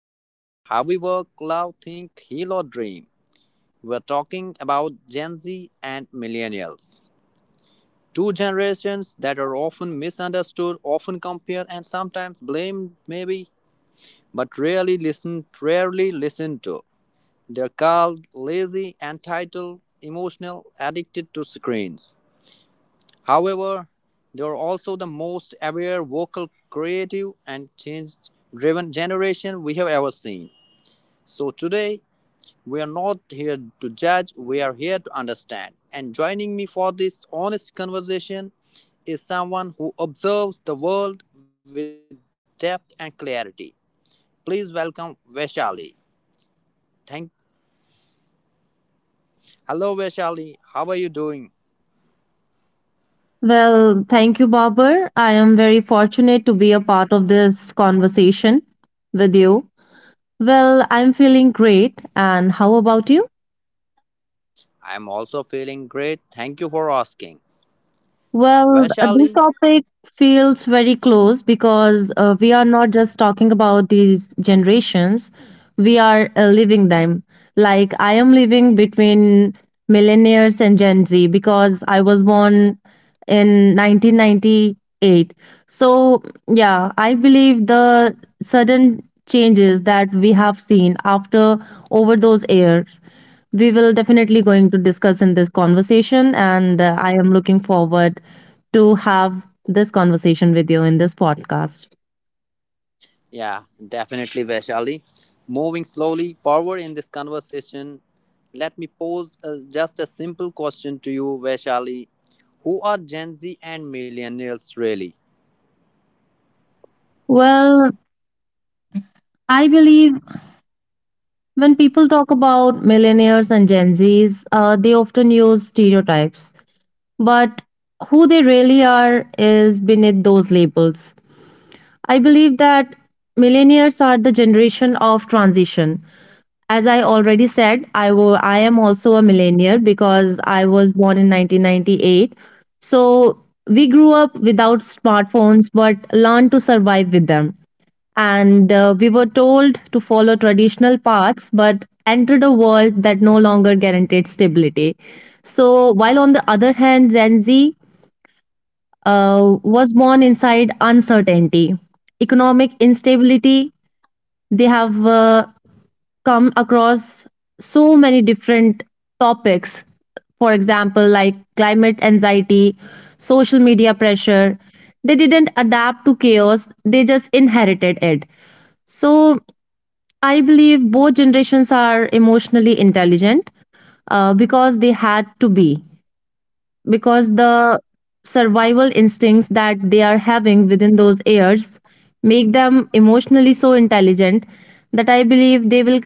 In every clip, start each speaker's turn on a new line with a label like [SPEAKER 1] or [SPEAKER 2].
[SPEAKER 1] Whether it's how we work, love, think, heal, or dream, we're talking about Gen Z and millennials. Two generations that are often misunderstood, often compared, and sometimes blamed, maybe, but rarely rarely listened to. They're called lazy, entitled, emotional, addicted to screens. However, they're also the most aware, vocal, creative, and change driven generation we have ever seen. So today, we are not here to judge, we are here to understand. And joining me for this honest conversation is someone who observes the world with depth and clarity. Please welcome Vaishali. Thank Hello Vaishali, how are you doing?
[SPEAKER 2] Well, thank you, Babur. I am very fortunate to be a part of this conversation with you. Well, I'm feeling great. And how about you?
[SPEAKER 1] I'm also feeling great. Thank you for asking.
[SPEAKER 2] Well, this
[SPEAKER 1] Vaishali?
[SPEAKER 2] topic feels very close because we are not just talking about these generations, we are living them. Like, I am living between millennials and Gen Z because I was born in 1998. So, yeah, I believe the sudden changes that we have seen after over those years we will definitely going to discuss in this conversation and I am looking forward to have this conversation with you in this podcast.
[SPEAKER 1] Yeah, definitely Vaishali. Moving slowly forward in this conversation, let me pose just a simple question to you, Vaishali. Who are Gen Z and millennials really?
[SPEAKER 2] Well, I believe when people talk about millennials and Gen Zs, they often use stereotypes, but who they really are is beneath those labels. I believe that millennials are the generation of transition. As I already said, I am also a millennial because I was born in 1998. So we grew up without smartphones but learned to survive with them and we were told to follow traditional paths but entered a world that no longer guaranteed stability. So while on the other hand, Gen Z was born inside uncertainty, economic instability. They have come across so many different topics, for example like climate anxiety, social media pressure. They didn't adapt to chaos, they just inherited it. So I believe both generations are emotionally intelligent, because they had to be, because the survival instincts that they are having within those years make them emotionally so intelligent that I believe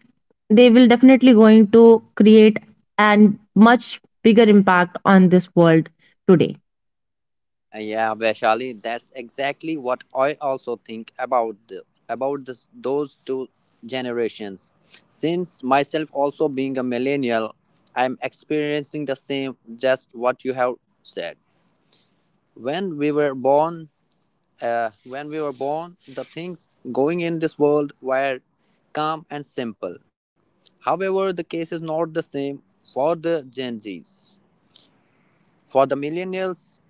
[SPEAKER 2] they will definitely going to create an much bigger impact on this world today.
[SPEAKER 1] Yeah, Vaishali, that's exactly what I also think about about this, those two generations. Since myself also being a millennial, I'm experiencing the same, just what you have said. When we were born, when we were born, the things going in this world were calm and simple. However, the case is not the same for the Gen Zs. For the millennials,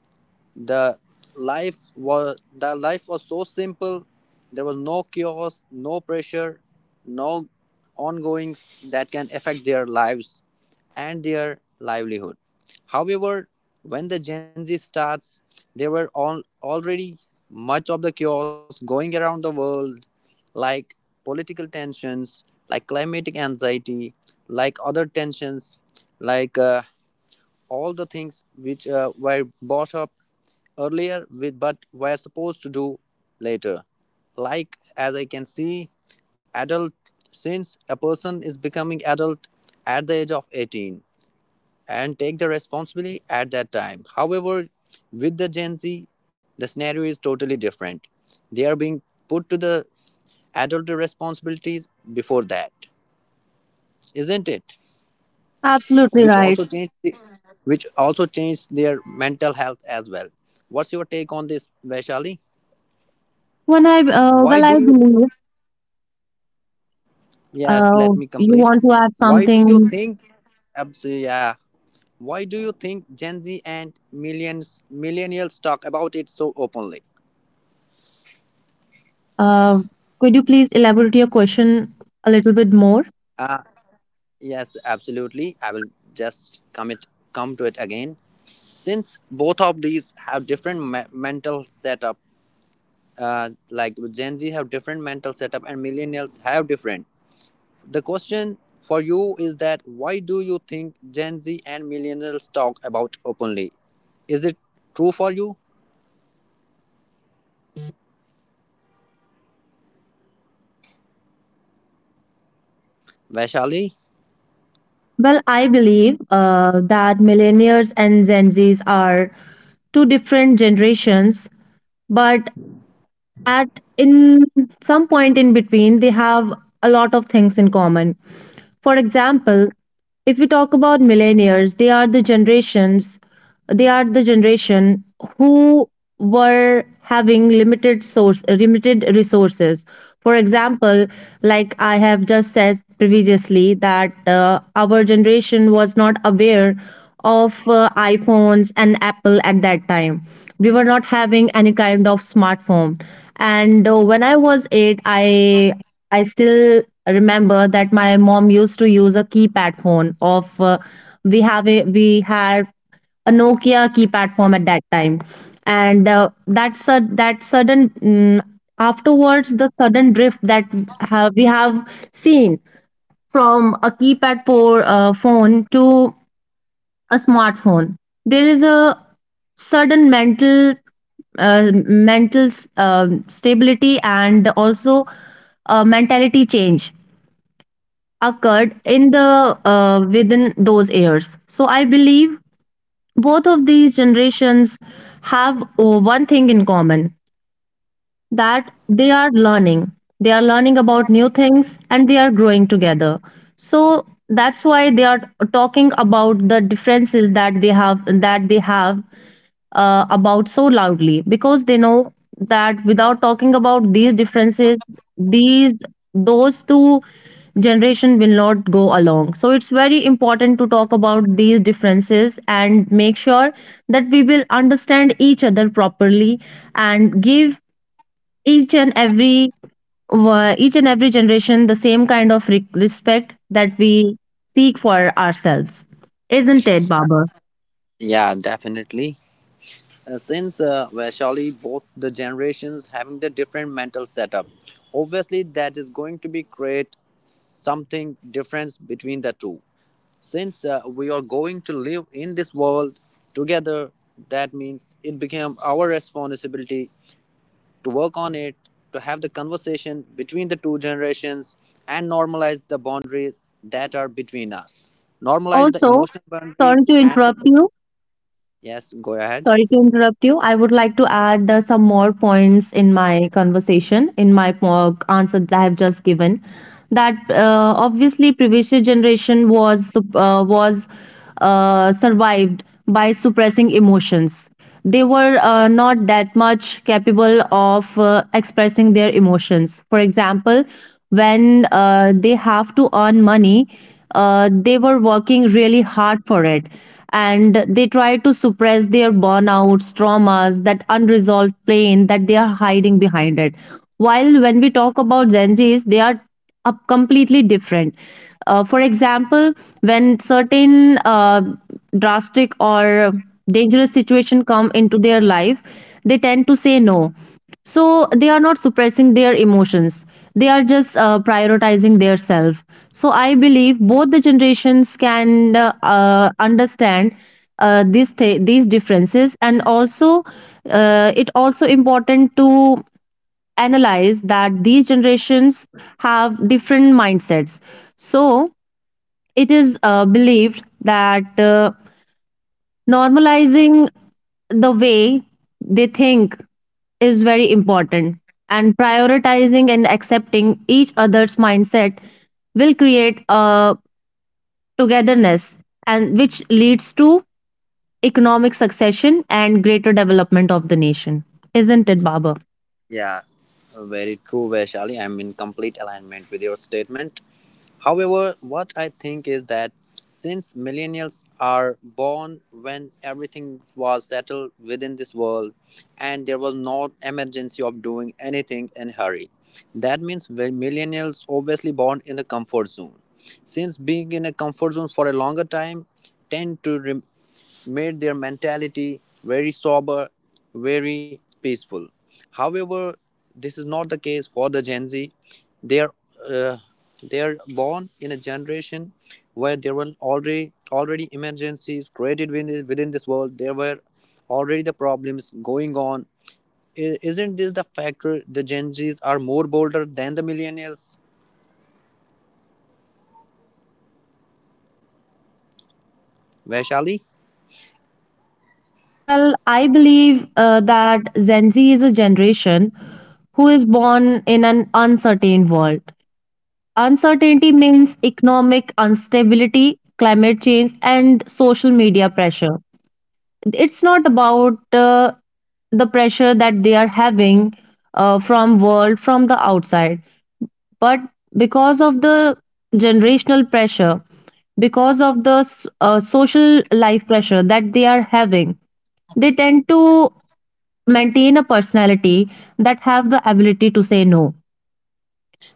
[SPEAKER 1] the the life was so simple, there was no chaos, no pressure, no ongoings that can affect their lives and their livelihood. However, when the Gen Z starts, there were all already much of the chaos going around the world, like political tensions, like climatic anxiety, like other tensions, like all the things which were brought up earlier with but were supposed to do later. Like as I can see, adult since a person is becoming adult at the age of 18 and take the responsibility at that time. However, with the Gen Z, the scenario is totally different. They are being put to the adult responsibilities before that, isn't it?
[SPEAKER 2] Absolutely
[SPEAKER 1] Which
[SPEAKER 2] right.
[SPEAKER 1] also which also changed their mental health as well. What's your take on this, Vaishali?
[SPEAKER 2] When I
[SPEAKER 1] Why do
[SPEAKER 2] I
[SPEAKER 1] you
[SPEAKER 2] believe
[SPEAKER 1] Yes,
[SPEAKER 2] uh,
[SPEAKER 1] let me
[SPEAKER 2] you
[SPEAKER 1] complete.
[SPEAKER 2] want to add
[SPEAKER 1] Why do you
[SPEAKER 2] something.
[SPEAKER 1] think, abs- yeah, why do you think Gen Z and millions millennials talk about it so openly?
[SPEAKER 2] Uh, could you please elaborate your question a little bit more?
[SPEAKER 1] Uh, yes, absolutely. I will just come it come to it again. Since both of these have different mental setup, like Gen Z have different mental setup and millennials have different. The question for you is that why do you think Gen Z and millennials talk about openly? Is it true for you, Vaishali?
[SPEAKER 2] Well, I believe that millennials and Gen Zs are two different generations, but at in some point in between they have a lot of things in common. For example, if we talk about millennials, they are the generation who were having limited resources. For example, like I have just said previously that our generation was not aware of iPhones and Apple at that time. We were not having any kind of smartphone, and when I was 8, I still remember that my mom used to use a keypad phone of we have a we had a Nokia keypad phone at that time. And that sudden afterwards, the sudden drift that we have seen from a keypad phone to a smartphone, there is a sudden mental mental stability and also a mentality change occurred in the within those years. So I believe both of these generations have one thing in common, that they are learning. They are learning about new things and they are growing together. So that's why they are talking about the differences that they have about so loudly, because they know that without talking about these differences, these those two generation will not go along. So it's very important to talk about these differences and make sure that we will understand each other properly and give each and every each and every generation the same kind of respect that we seek for ourselves, isn't it, Baba?
[SPEAKER 1] Yeah, definitely. Since Vaishali, both the generations having the different mental setup, obviously that is going to be create something difference between the two. Since we are going to live in this world together, that means it became our responsibility to work on it, to have the conversation between the two generations, and normalize the boundaries that are between us. Normalize the
[SPEAKER 2] Also,
[SPEAKER 1] emotional
[SPEAKER 2] sorry
[SPEAKER 1] boundaries
[SPEAKER 2] to
[SPEAKER 1] and the.
[SPEAKER 2] interrupt you.
[SPEAKER 1] Yes, go ahead.
[SPEAKER 2] Sorry to interrupt you. I would like to add some more points in my conversation, in my answer that I have just given, that obviously previous generation was survived by suppressing emotions. They were not that much capable of expressing their emotions. For example, when they have to earn money, they were working really hard for it. And they try to suppress their burnouts, traumas, that unresolved pain that they are hiding behind it. While when we talk about Gen Zs, they are up completely different. For example, when certain drastic or dangerous situation come into their life, they tend to say no. So they are not suppressing their emotions. They are just prioritizing their self. So I believe both the generations can understand these these differences, and also it also important to analyze that these generations have different mindsets. So it is believed that normalizing the way they think is very important, and prioritizing and accepting each other's mindset will create a togetherness, and which leads to economic succession and greater development of the nation, isn't it, Baba?
[SPEAKER 1] Yeah, very true, Vaishali. I'm in complete alignment with your statement. However, what I think is that since millennials are born when everything was settled within this world and there was no emergency of doing anything in hurry, that means when millennials obviously born in a comfort zone, since being in a comfort zone for a longer time tend to made their mentality very sober, very peaceful. However, this is not the case for the Gen Z. They are uh, they are born in a generation where there were already already emergencies created within this world. There were already the problems going on. Isn't this the factor? The Gen Zs are more bolder than the millennials, Vaishali.
[SPEAKER 2] Well, I believe that Gen Z is a generation who is born in an uncertain world. Uncertainty means economic instability, climate change, and social media pressure. It's not about the pressure that they are having from world from the outside, but because of the generational pressure, because of the social life pressure that they are having, they tend to maintain a personality that have the ability to say no,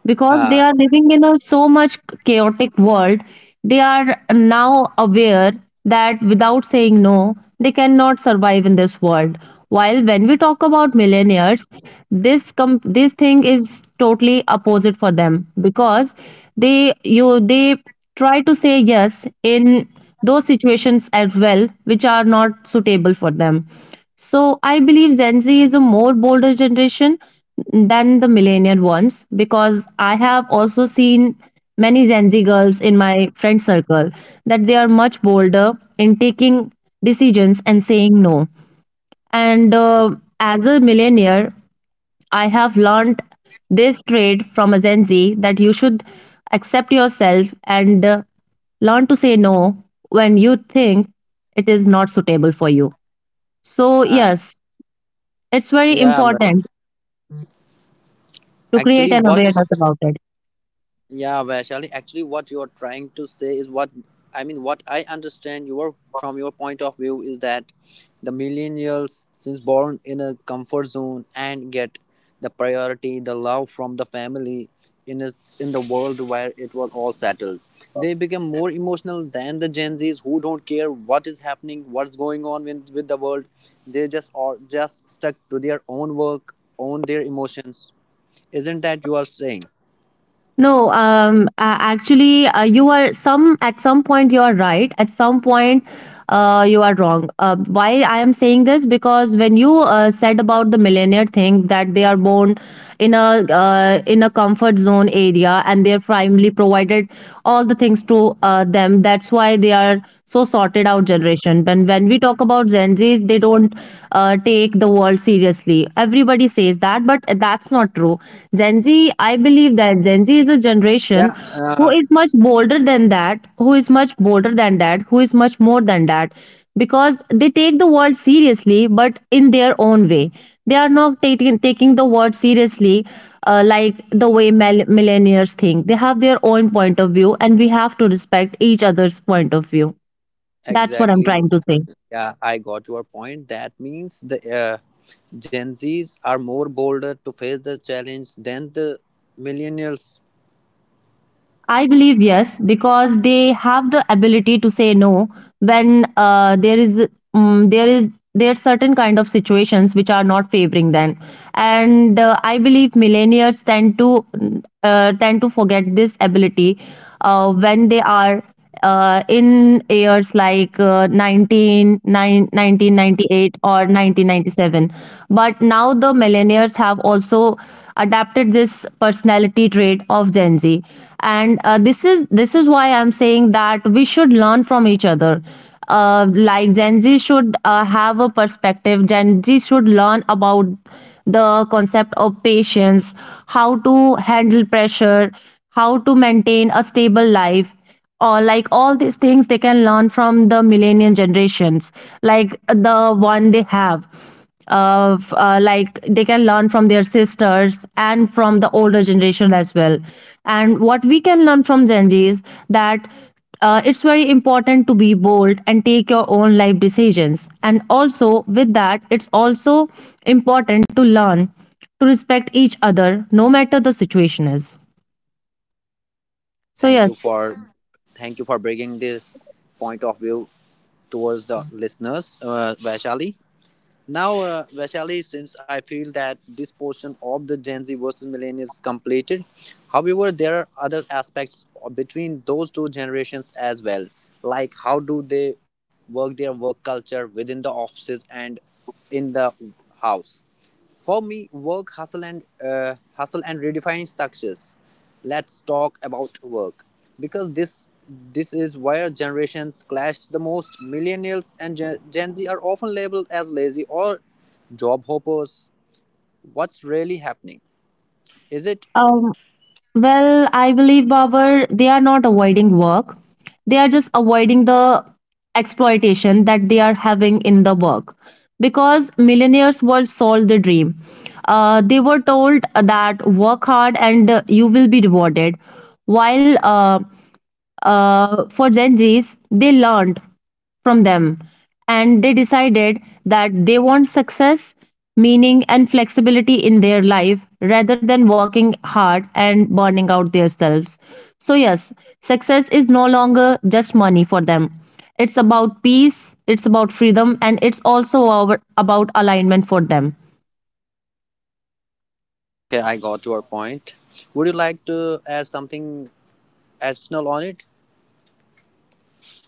[SPEAKER 2] because they
[SPEAKER 1] Uh,
[SPEAKER 2] are living in a so much chaotic world. They are now aware that without saying no, they cannot survive in this world. While when we talk about millionaires, this thing is totally opposite for them, because they try to say yes in those situations as well which are not suitable for them. So I believe Gen Z is a more bolder generation than the millennial ones, because I have also seen many Gen Z girls in my friend circle that they are much bolder in taking decisions and saying no. And as a millennial, I have learned this trait from a Gen Z, that you should accept yourself and learn to say no when you think it is not suitable for you. So,
[SPEAKER 1] uh,
[SPEAKER 2] yes, it's very
[SPEAKER 1] yeah, but
[SPEAKER 2] important to create
[SPEAKER 1] actually,
[SPEAKER 2] an
[SPEAKER 1] what
[SPEAKER 2] awareness about it.
[SPEAKER 1] Yeah, Vaishali, actually, what you are trying to say is what I mean, what I understand your from your point of view is that the millennials, since born in a comfort zone and get the priority, the love from the family in a, in the world where it was all settled, they become more emotional than the Gen Zs who don't care what is happening, what's going on with the world. They just stuck to their own work, own their emotions. Isn't that you are saying?
[SPEAKER 2] No, you are some at some point you are right. At some point, you are wrong. Why I am saying this, because when you said about the millionaire thing, that they are born in a in a comfort zone area and they are primarily provided all the things to them. That's why they are so sorted out generation. When we talk about Gen Zs, they don't take the world seriously, everybody says that, but that's not true. Gen Z, I believe that Gen Z is a generation
[SPEAKER 1] Yeah,
[SPEAKER 2] who
[SPEAKER 1] uh,
[SPEAKER 2] is much bolder than that, who is much more than that, because they take the world seriously, but in their own way. They are not taking the world seriously like the way millennials think. They have their own point of view, and we have to respect each other's point of view. That's what I'm trying
[SPEAKER 1] Exactly.
[SPEAKER 2] to say.
[SPEAKER 1] Yeah, I got your point. That means the Gen Zs are more bolder to face the challenge than the millennials.
[SPEAKER 2] I believe yes, because they have the ability to say no when there is there are certain kind of situations which are not favoring them, and I believe millennials tend to tend to forget this ability when they are in years like 1998 or 1997. But now the millennials have also adapted this personality trait of Gen Z. And this is why I'm saying that we should learn from each other. Uh, like Gen Z should have a perspective. Gen Z should learn about the concept of patience, how to handle pressure, how to maintain a stable life. Or like all these things they can learn from the millennial generations, like the one they have. Of like they can learn from their sisters and from the older generation as well. And what we can learn from Gen Z is that it's very important to be bold and take your own life decisions. And also, with that, it's also important to learn to respect each other no matter the situation is.
[SPEAKER 1] Uh,
[SPEAKER 2] So,
[SPEAKER 1] Thank you
[SPEAKER 2] yes,
[SPEAKER 1] for thank you for bringing this point of view towards the listeners, Vaishali. Now, Vaishali, since I feel that this portion of the Gen Z versus Millennials is completed, however, there are other aspects between those two generations as well. Like how do they work their work culture within the offices and in the house? For me, work, hustle and redefine success. Let's talk about work because this is where generations clash the most. Millennials and Gen Z are often labeled as lazy or job hoppers. What's really happening? Is it
[SPEAKER 2] um, well, I believe, Babar, they are not avoiding work. They are just avoiding the exploitation that they are having in the work. Because millionaires were sold the dream. They were told that work hard and you will be rewarded. While for Gen Zs, they learned from them and they decided that they want success, meaning, and flexibility in their life rather than working hard and burning out themselves. So, yes, success is no longer just money for them. It's about peace, it's about freedom, and it's also about alignment for them.
[SPEAKER 1] okay? I got your point. Would you like to add something additional on it?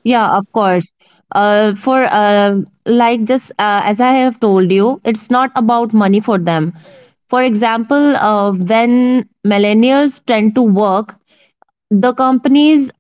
[SPEAKER 2] Yeah, of course. For like just as I have told you, it's not about money for them. For example, when millennials tend to work, the companies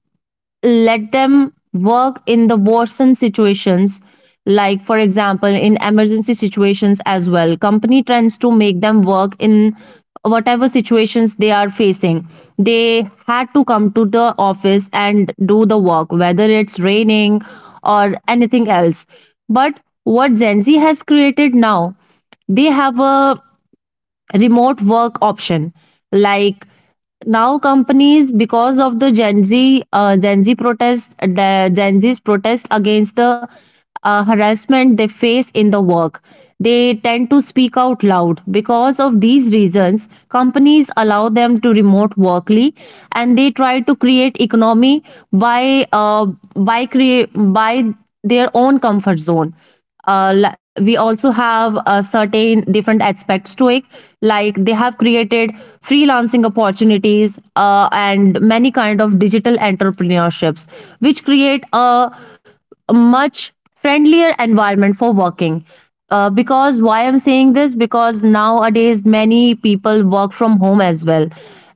[SPEAKER 2] let them work in the worsen situations, like for example in emergency situations as well, company tends to make them work in whatever situations they are facing. They had to come to the office and do the work whether it's raining or anything else. But what Gen Z has created now, they have a remote work option. Like now companies, because of the Gen Z Gen Z protest, the Gen Z's protest against the harassment they face in the work. They tend to speak out loud. Because of these reasons, companies allow them to remote workly, and they try to create economy by by crea- by their own comfort zone. We also have certain different aspects to it, like they have created freelancing opportunities and many kind of digital entrepreneurships, which create a much friendlier environment for working. Because why I'm saying this? Because nowadays many people work from home as well,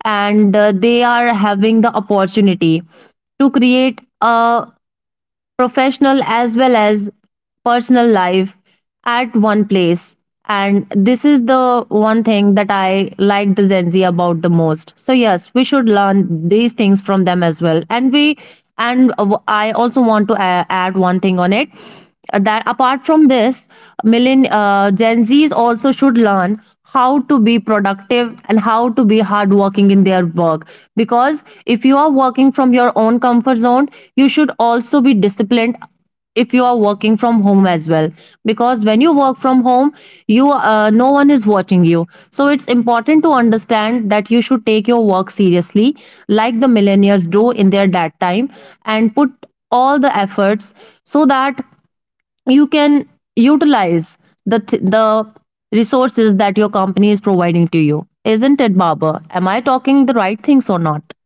[SPEAKER 2] and they are having the opportunity to create a professional as well as personal life at one place. And this is the one thing that I like the Gen Z about the most. So yes, we should learn these things from them as well. And I also want to add one thing on it, that apart from this, millen gen z's also should learn how to be productive and how to be hardworking in their work, because if you are working from your own comfort zone, you should also be disciplined if you are working from home as well. Because when you work from home, you no one is watching you, so it's important to understand that you should take your work seriously, like the millennials do in their that time, and put all the efforts so that you can utilize the resources that your company is providing to you. Isn't it, Baba? Am I talking the right things or not?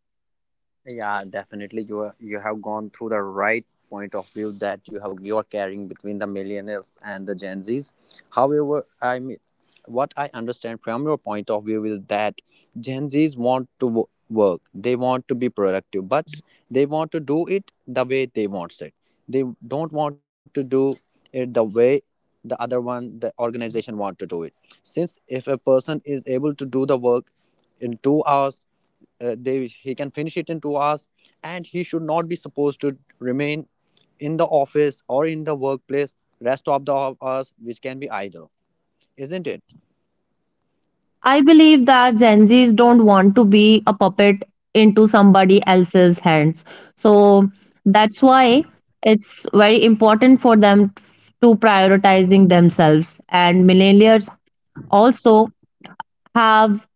[SPEAKER 1] Yeah, definitely. You have gone through the right point of view that you are carrying between the millennials and the Gen Zs. However, I mean, what I understand from your point of view is that Gen Zs want to work. They want to be productive, but they want to do it the way they want it. They don't want to do it the way the other one, the organization, want to do it. Since if a person is able to do the work in 2 hours, they he can finish it in 2 hours, and he should not be supposed to remain in the office or in the workplace rest of the hours which can be idle, isn't it?
[SPEAKER 2] I believe that Gen Z's don't want to be a puppet into somebody else's hands, so that's why it's very important for them to prioritizing themselves, and millennials also have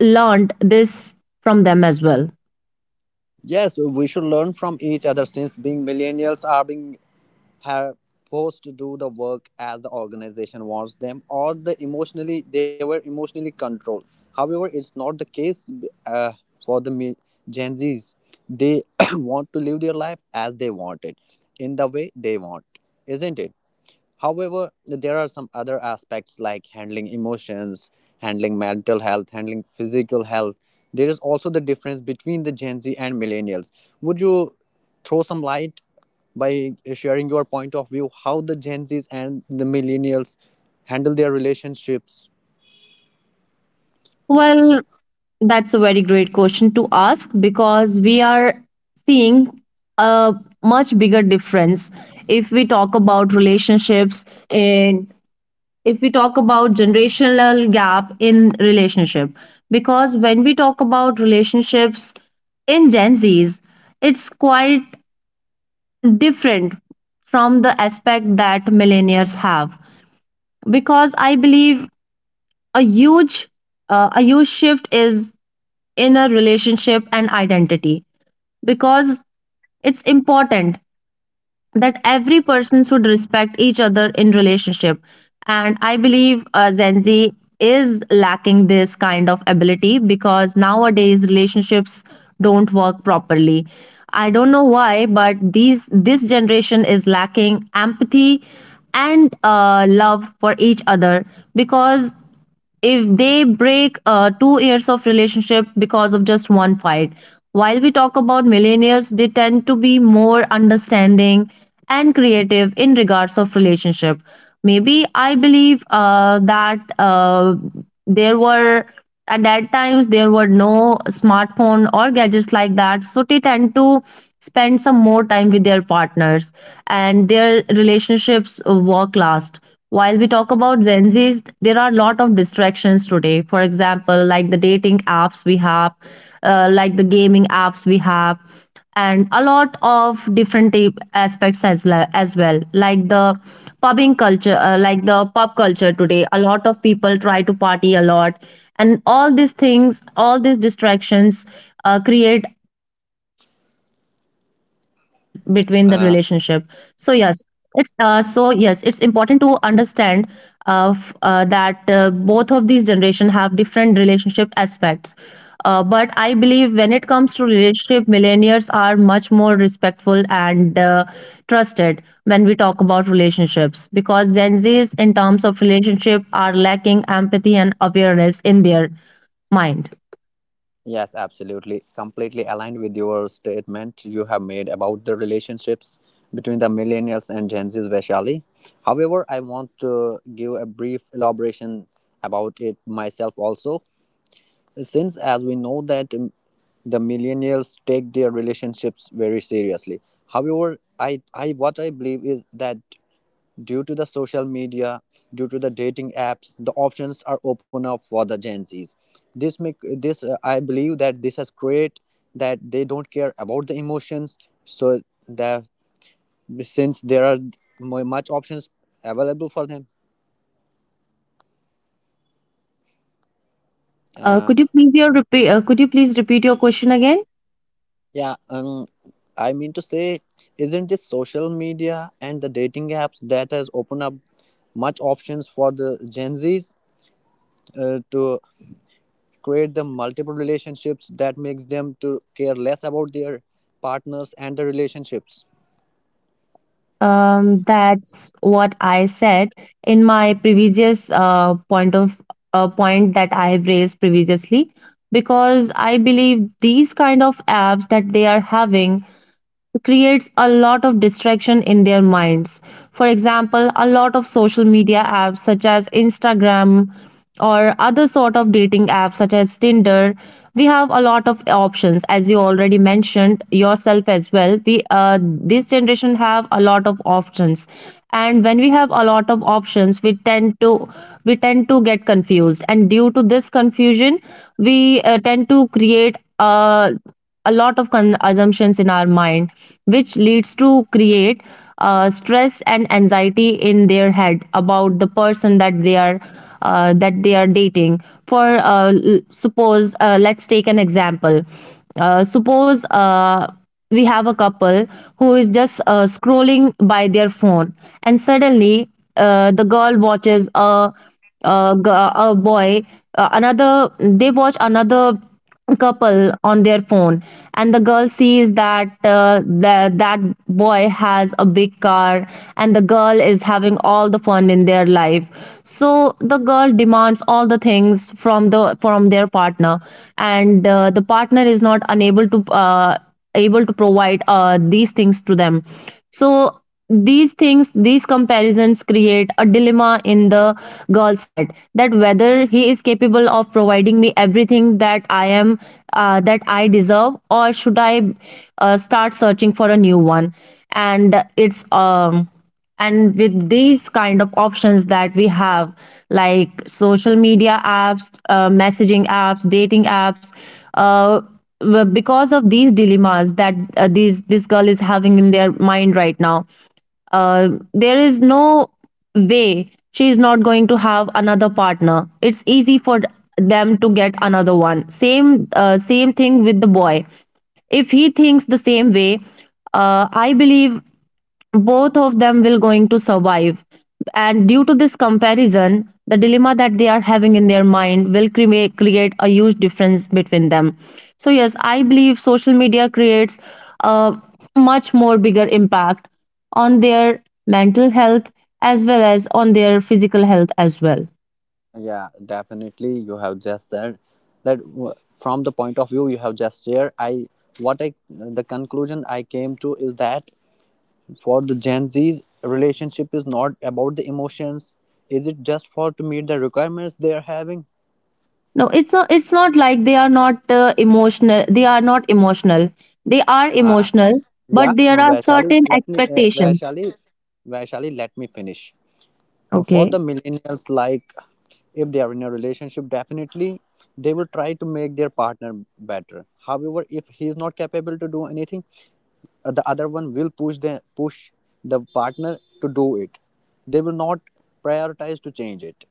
[SPEAKER 2] learned this from them as well.
[SPEAKER 1] Yes, we should learn from each other, since being millennials are being have forced to do the work as the organization wants them, or the emotionally they were emotionally controlled. However, it's not the case uh, for the Gen Z's, they want to live their life as they want it, in the way they want, isn't it? However, there are some other aspects like handling emotions, handling mental health, handling physical health. There is also the difference between the Gen Z and millennials. Would you throw some light by sharing your point of view how the Gen Zs and the millennials handle their relationships?
[SPEAKER 2] Well, that's a very great question to ask, because we are seeing a much bigger difference if we talk about relationships, and if we talk about generational gap in relationship. Because when we talk about relationships in Gen Zs, it's quite different from the aspect that millennials have, because I believe a huge a huge shift is inner relationship and identity. Because it's important that every person should respect each other in relationship, and I believe Gen Z is lacking this kind of ability, because nowadays relationships don't work properly. I don't know why, but these this generation is lacking empathy and love for each other. Because if they break 2 years of relationship because of just one fight, while we talk about millennials, they tend to be more understanding and creative in regards of relationship. Maybe I believe that there were, at that times there were no smartphone or gadgets like that, so they tend to spend some more time with their partners, and their relationships work last. While we talk about Gen Z's, there are a lot of distractions today. For example, like the dating apps we have, like the gaming apps we have, and a lot of different type aspects as well, like the popping culture, like the pop culture today, a lot of people try to party a lot, and all these things, all these distractions create huge differences between the relationship. So yes,
[SPEAKER 1] uh,
[SPEAKER 2] it's so yes, it's important to understand that both of these generation have different relationship aspects. But I believe when it comes to relationship, millennials are much more respectful and trusted when we talk about relationships, because Gen Zs, in terms of relationship, are lacking empathy and awareness in their mind.
[SPEAKER 1] Yes, absolutely. Completely aligned with your statement you have made about the relationships between the millennials and Gen Z, especially. However, I want to give a brief elaboration about it myself also, since as we know that the millennials take their relationships very seriously. However, I what I believe is that due to the social media, due to the dating apps, the options are open up for the Gen Zs. This make this I believe that this has created that they don't care about the emotions. So that since there are much options available for them, uh,
[SPEAKER 2] Could you please your repeat? Could you please repeat your question again?
[SPEAKER 1] yeah, um, I mean to say, isn't this social media and the dating apps that has opened up much options for the Gen Zs to create them multiple relationships that makes them to care less about their partners and the relationships?
[SPEAKER 2] That's what I said in my previous point that I have raised previously, because I believe these kind of apps that they are having creates a lot of distraction in their minds. For example, a lot of social media apps such as Instagram, or other sort of dating apps such as Tinder, we have a lot of options, as you already mentioned yourself as well. We This generation have a lot of options, and when we have a lot of options, we tend to get confused, and due to this confusion, we tend to create a lot of assumptions in our mind, which leads to create stress and anxiety in their head about the person that they are dating for. Suppose let's take an example. Suppose we have a couple who is just scrolling by their phone, and suddenly the girl watches a, g- a boy another they watch another couple on their phone, and the girl sees that that boy has a big car, and the girl is having all the fun in their life. So the girl demands all the things from the from their partner, and the partner is not unable to able to provide these things to them. So these things, these comparisons create a dilemma in the girl's head, that whether he is capable of providing me everything that I am that I deserve, or should I start searching for a new one. And it's um, and with these kind of options that we have, like social media apps, messaging apps, dating apps, uh, because of these dilemmas that these this girl is having in their mind right now, uh, there is no way she is not going to have another partner. It's easy for them to get another one. Same thing with the boy, if he thinks the same way. I believe both of them will going to survive, and due to this comparison, the dilemma that they are having in their mind will create a huge difference between them. So yes, I believe social media creates a much more bigger impact on their mental health as well as on their physical health as well.
[SPEAKER 1] Yeah, definitely you have just said that from the point of view you have just shared, I what I the conclusion I came to is that for the Gen Z's, relationship is not about the emotions, is it just for to meet the requirements they are having?
[SPEAKER 2] No, it's not, it's not like they are not emotional They are not emotional. They are
[SPEAKER 1] uh,
[SPEAKER 2] emotional, but
[SPEAKER 1] yeah
[SPEAKER 2] there are
[SPEAKER 1] vaishali
[SPEAKER 2] certain
[SPEAKER 1] let me uh,
[SPEAKER 2] expectations.
[SPEAKER 1] vaishali Vaishali, let me finish. For
[SPEAKER 2] Okay.
[SPEAKER 1] the millennials, like if they are in a relationship, definitely they will try to make their partner better, however if he is not capable to do anything, the other one will push the partner to do it, they will not prioritize to change it.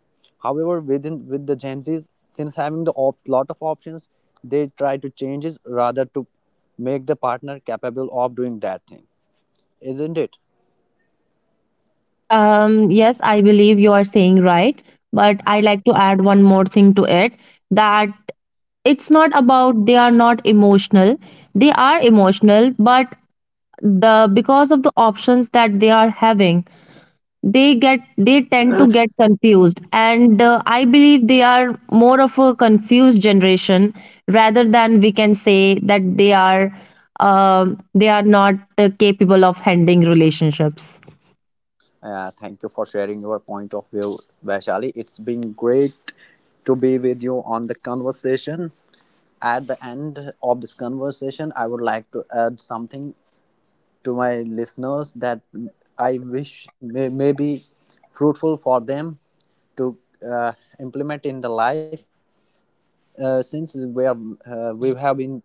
[SPEAKER 1] However, within with the Gen Z's, since having the lot of options, they try to change it rather to make the partner capable of doing that thing, isn't it?
[SPEAKER 2] Yes, I believe you are saying right, but I like to add one more thing to it, that it's not about they are not emotional. They are emotional, but the because of the options that they are having, they tend to get confused, and I believe they are more of a confused generation rather than we can say that they are not capable of handling relationships.
[SPEAKER 1] Thank you for sharing your point of view, Vaishali. It's been great to be with you on the conversation. At the end of this conversation, I would like to add something to my listeners that I wish may be fruitful for them to uh, implement in the life, since we have been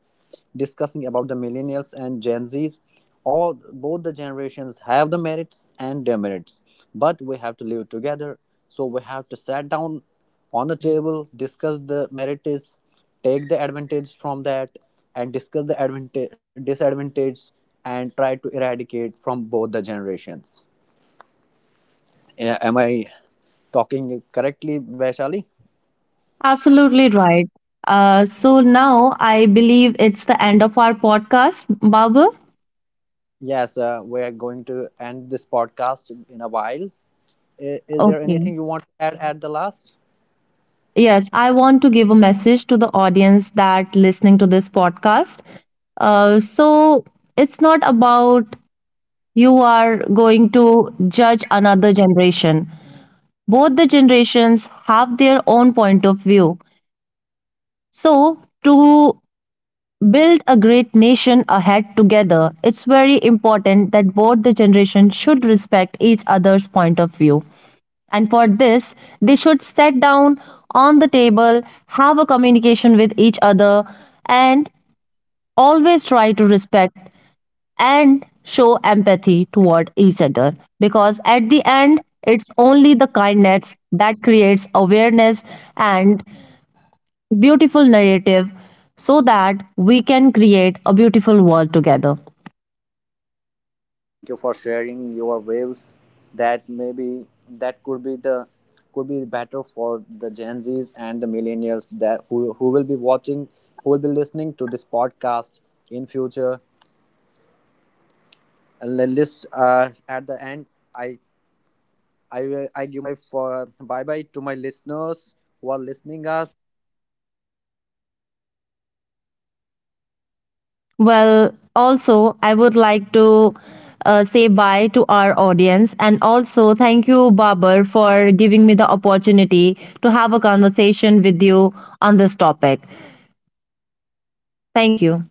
[SPEAKER 1] discussing about the millennials and Gen Zs, all both the generations have the merits and demerits, but we have to live together. So we have to sit down on the table, discuss the merits, take the advantage from that, and discuss the advantage disadvantage and try to eradicate from both the generations. Yeah, am I talking correctly, Vaishali?
[SPEAKER 2] Absolutely right. So now I believe it's the end of our podcast, Babu.
[SPEAKER 1] Yes, we are going to end this podcast in a while. Is there
[SPEAKER 2] Okay.
[SPEAKER 1] anything you want to add at the last?
[SPEAKER 2] Yes, I want to give a message to the audience that listening to this podcast. So, it's not about you are going to judge another generation. Both the generations have their own point of view. So, to build a great nation ahead together, it's very important that both the generations should respect each other's point of view. And for this, they should sit down on the table, have a communication with each other, and always try to respect and show empathy toward each other. Because at the
[SPEAKER 1] Yeah,
[SPEAKER 2] end, it's only the kindness that creates awareness and beautiful narrative, so that we can create a beautiful world together.
[SPEAKER 1] thank you for sharing your views. That maybe that could be the could be better for the Gen Zs and the millennials that who will be watching, who will be listening to this podcast in future. And the list at the end. I I give my for bye bye to my listeners who are listening us
[SPEAKER 2] Well, also, I would like to say bye to our audience, and also thank you, Babar, for giving me the opportunity to have a conversation with you on this topic. Thank you.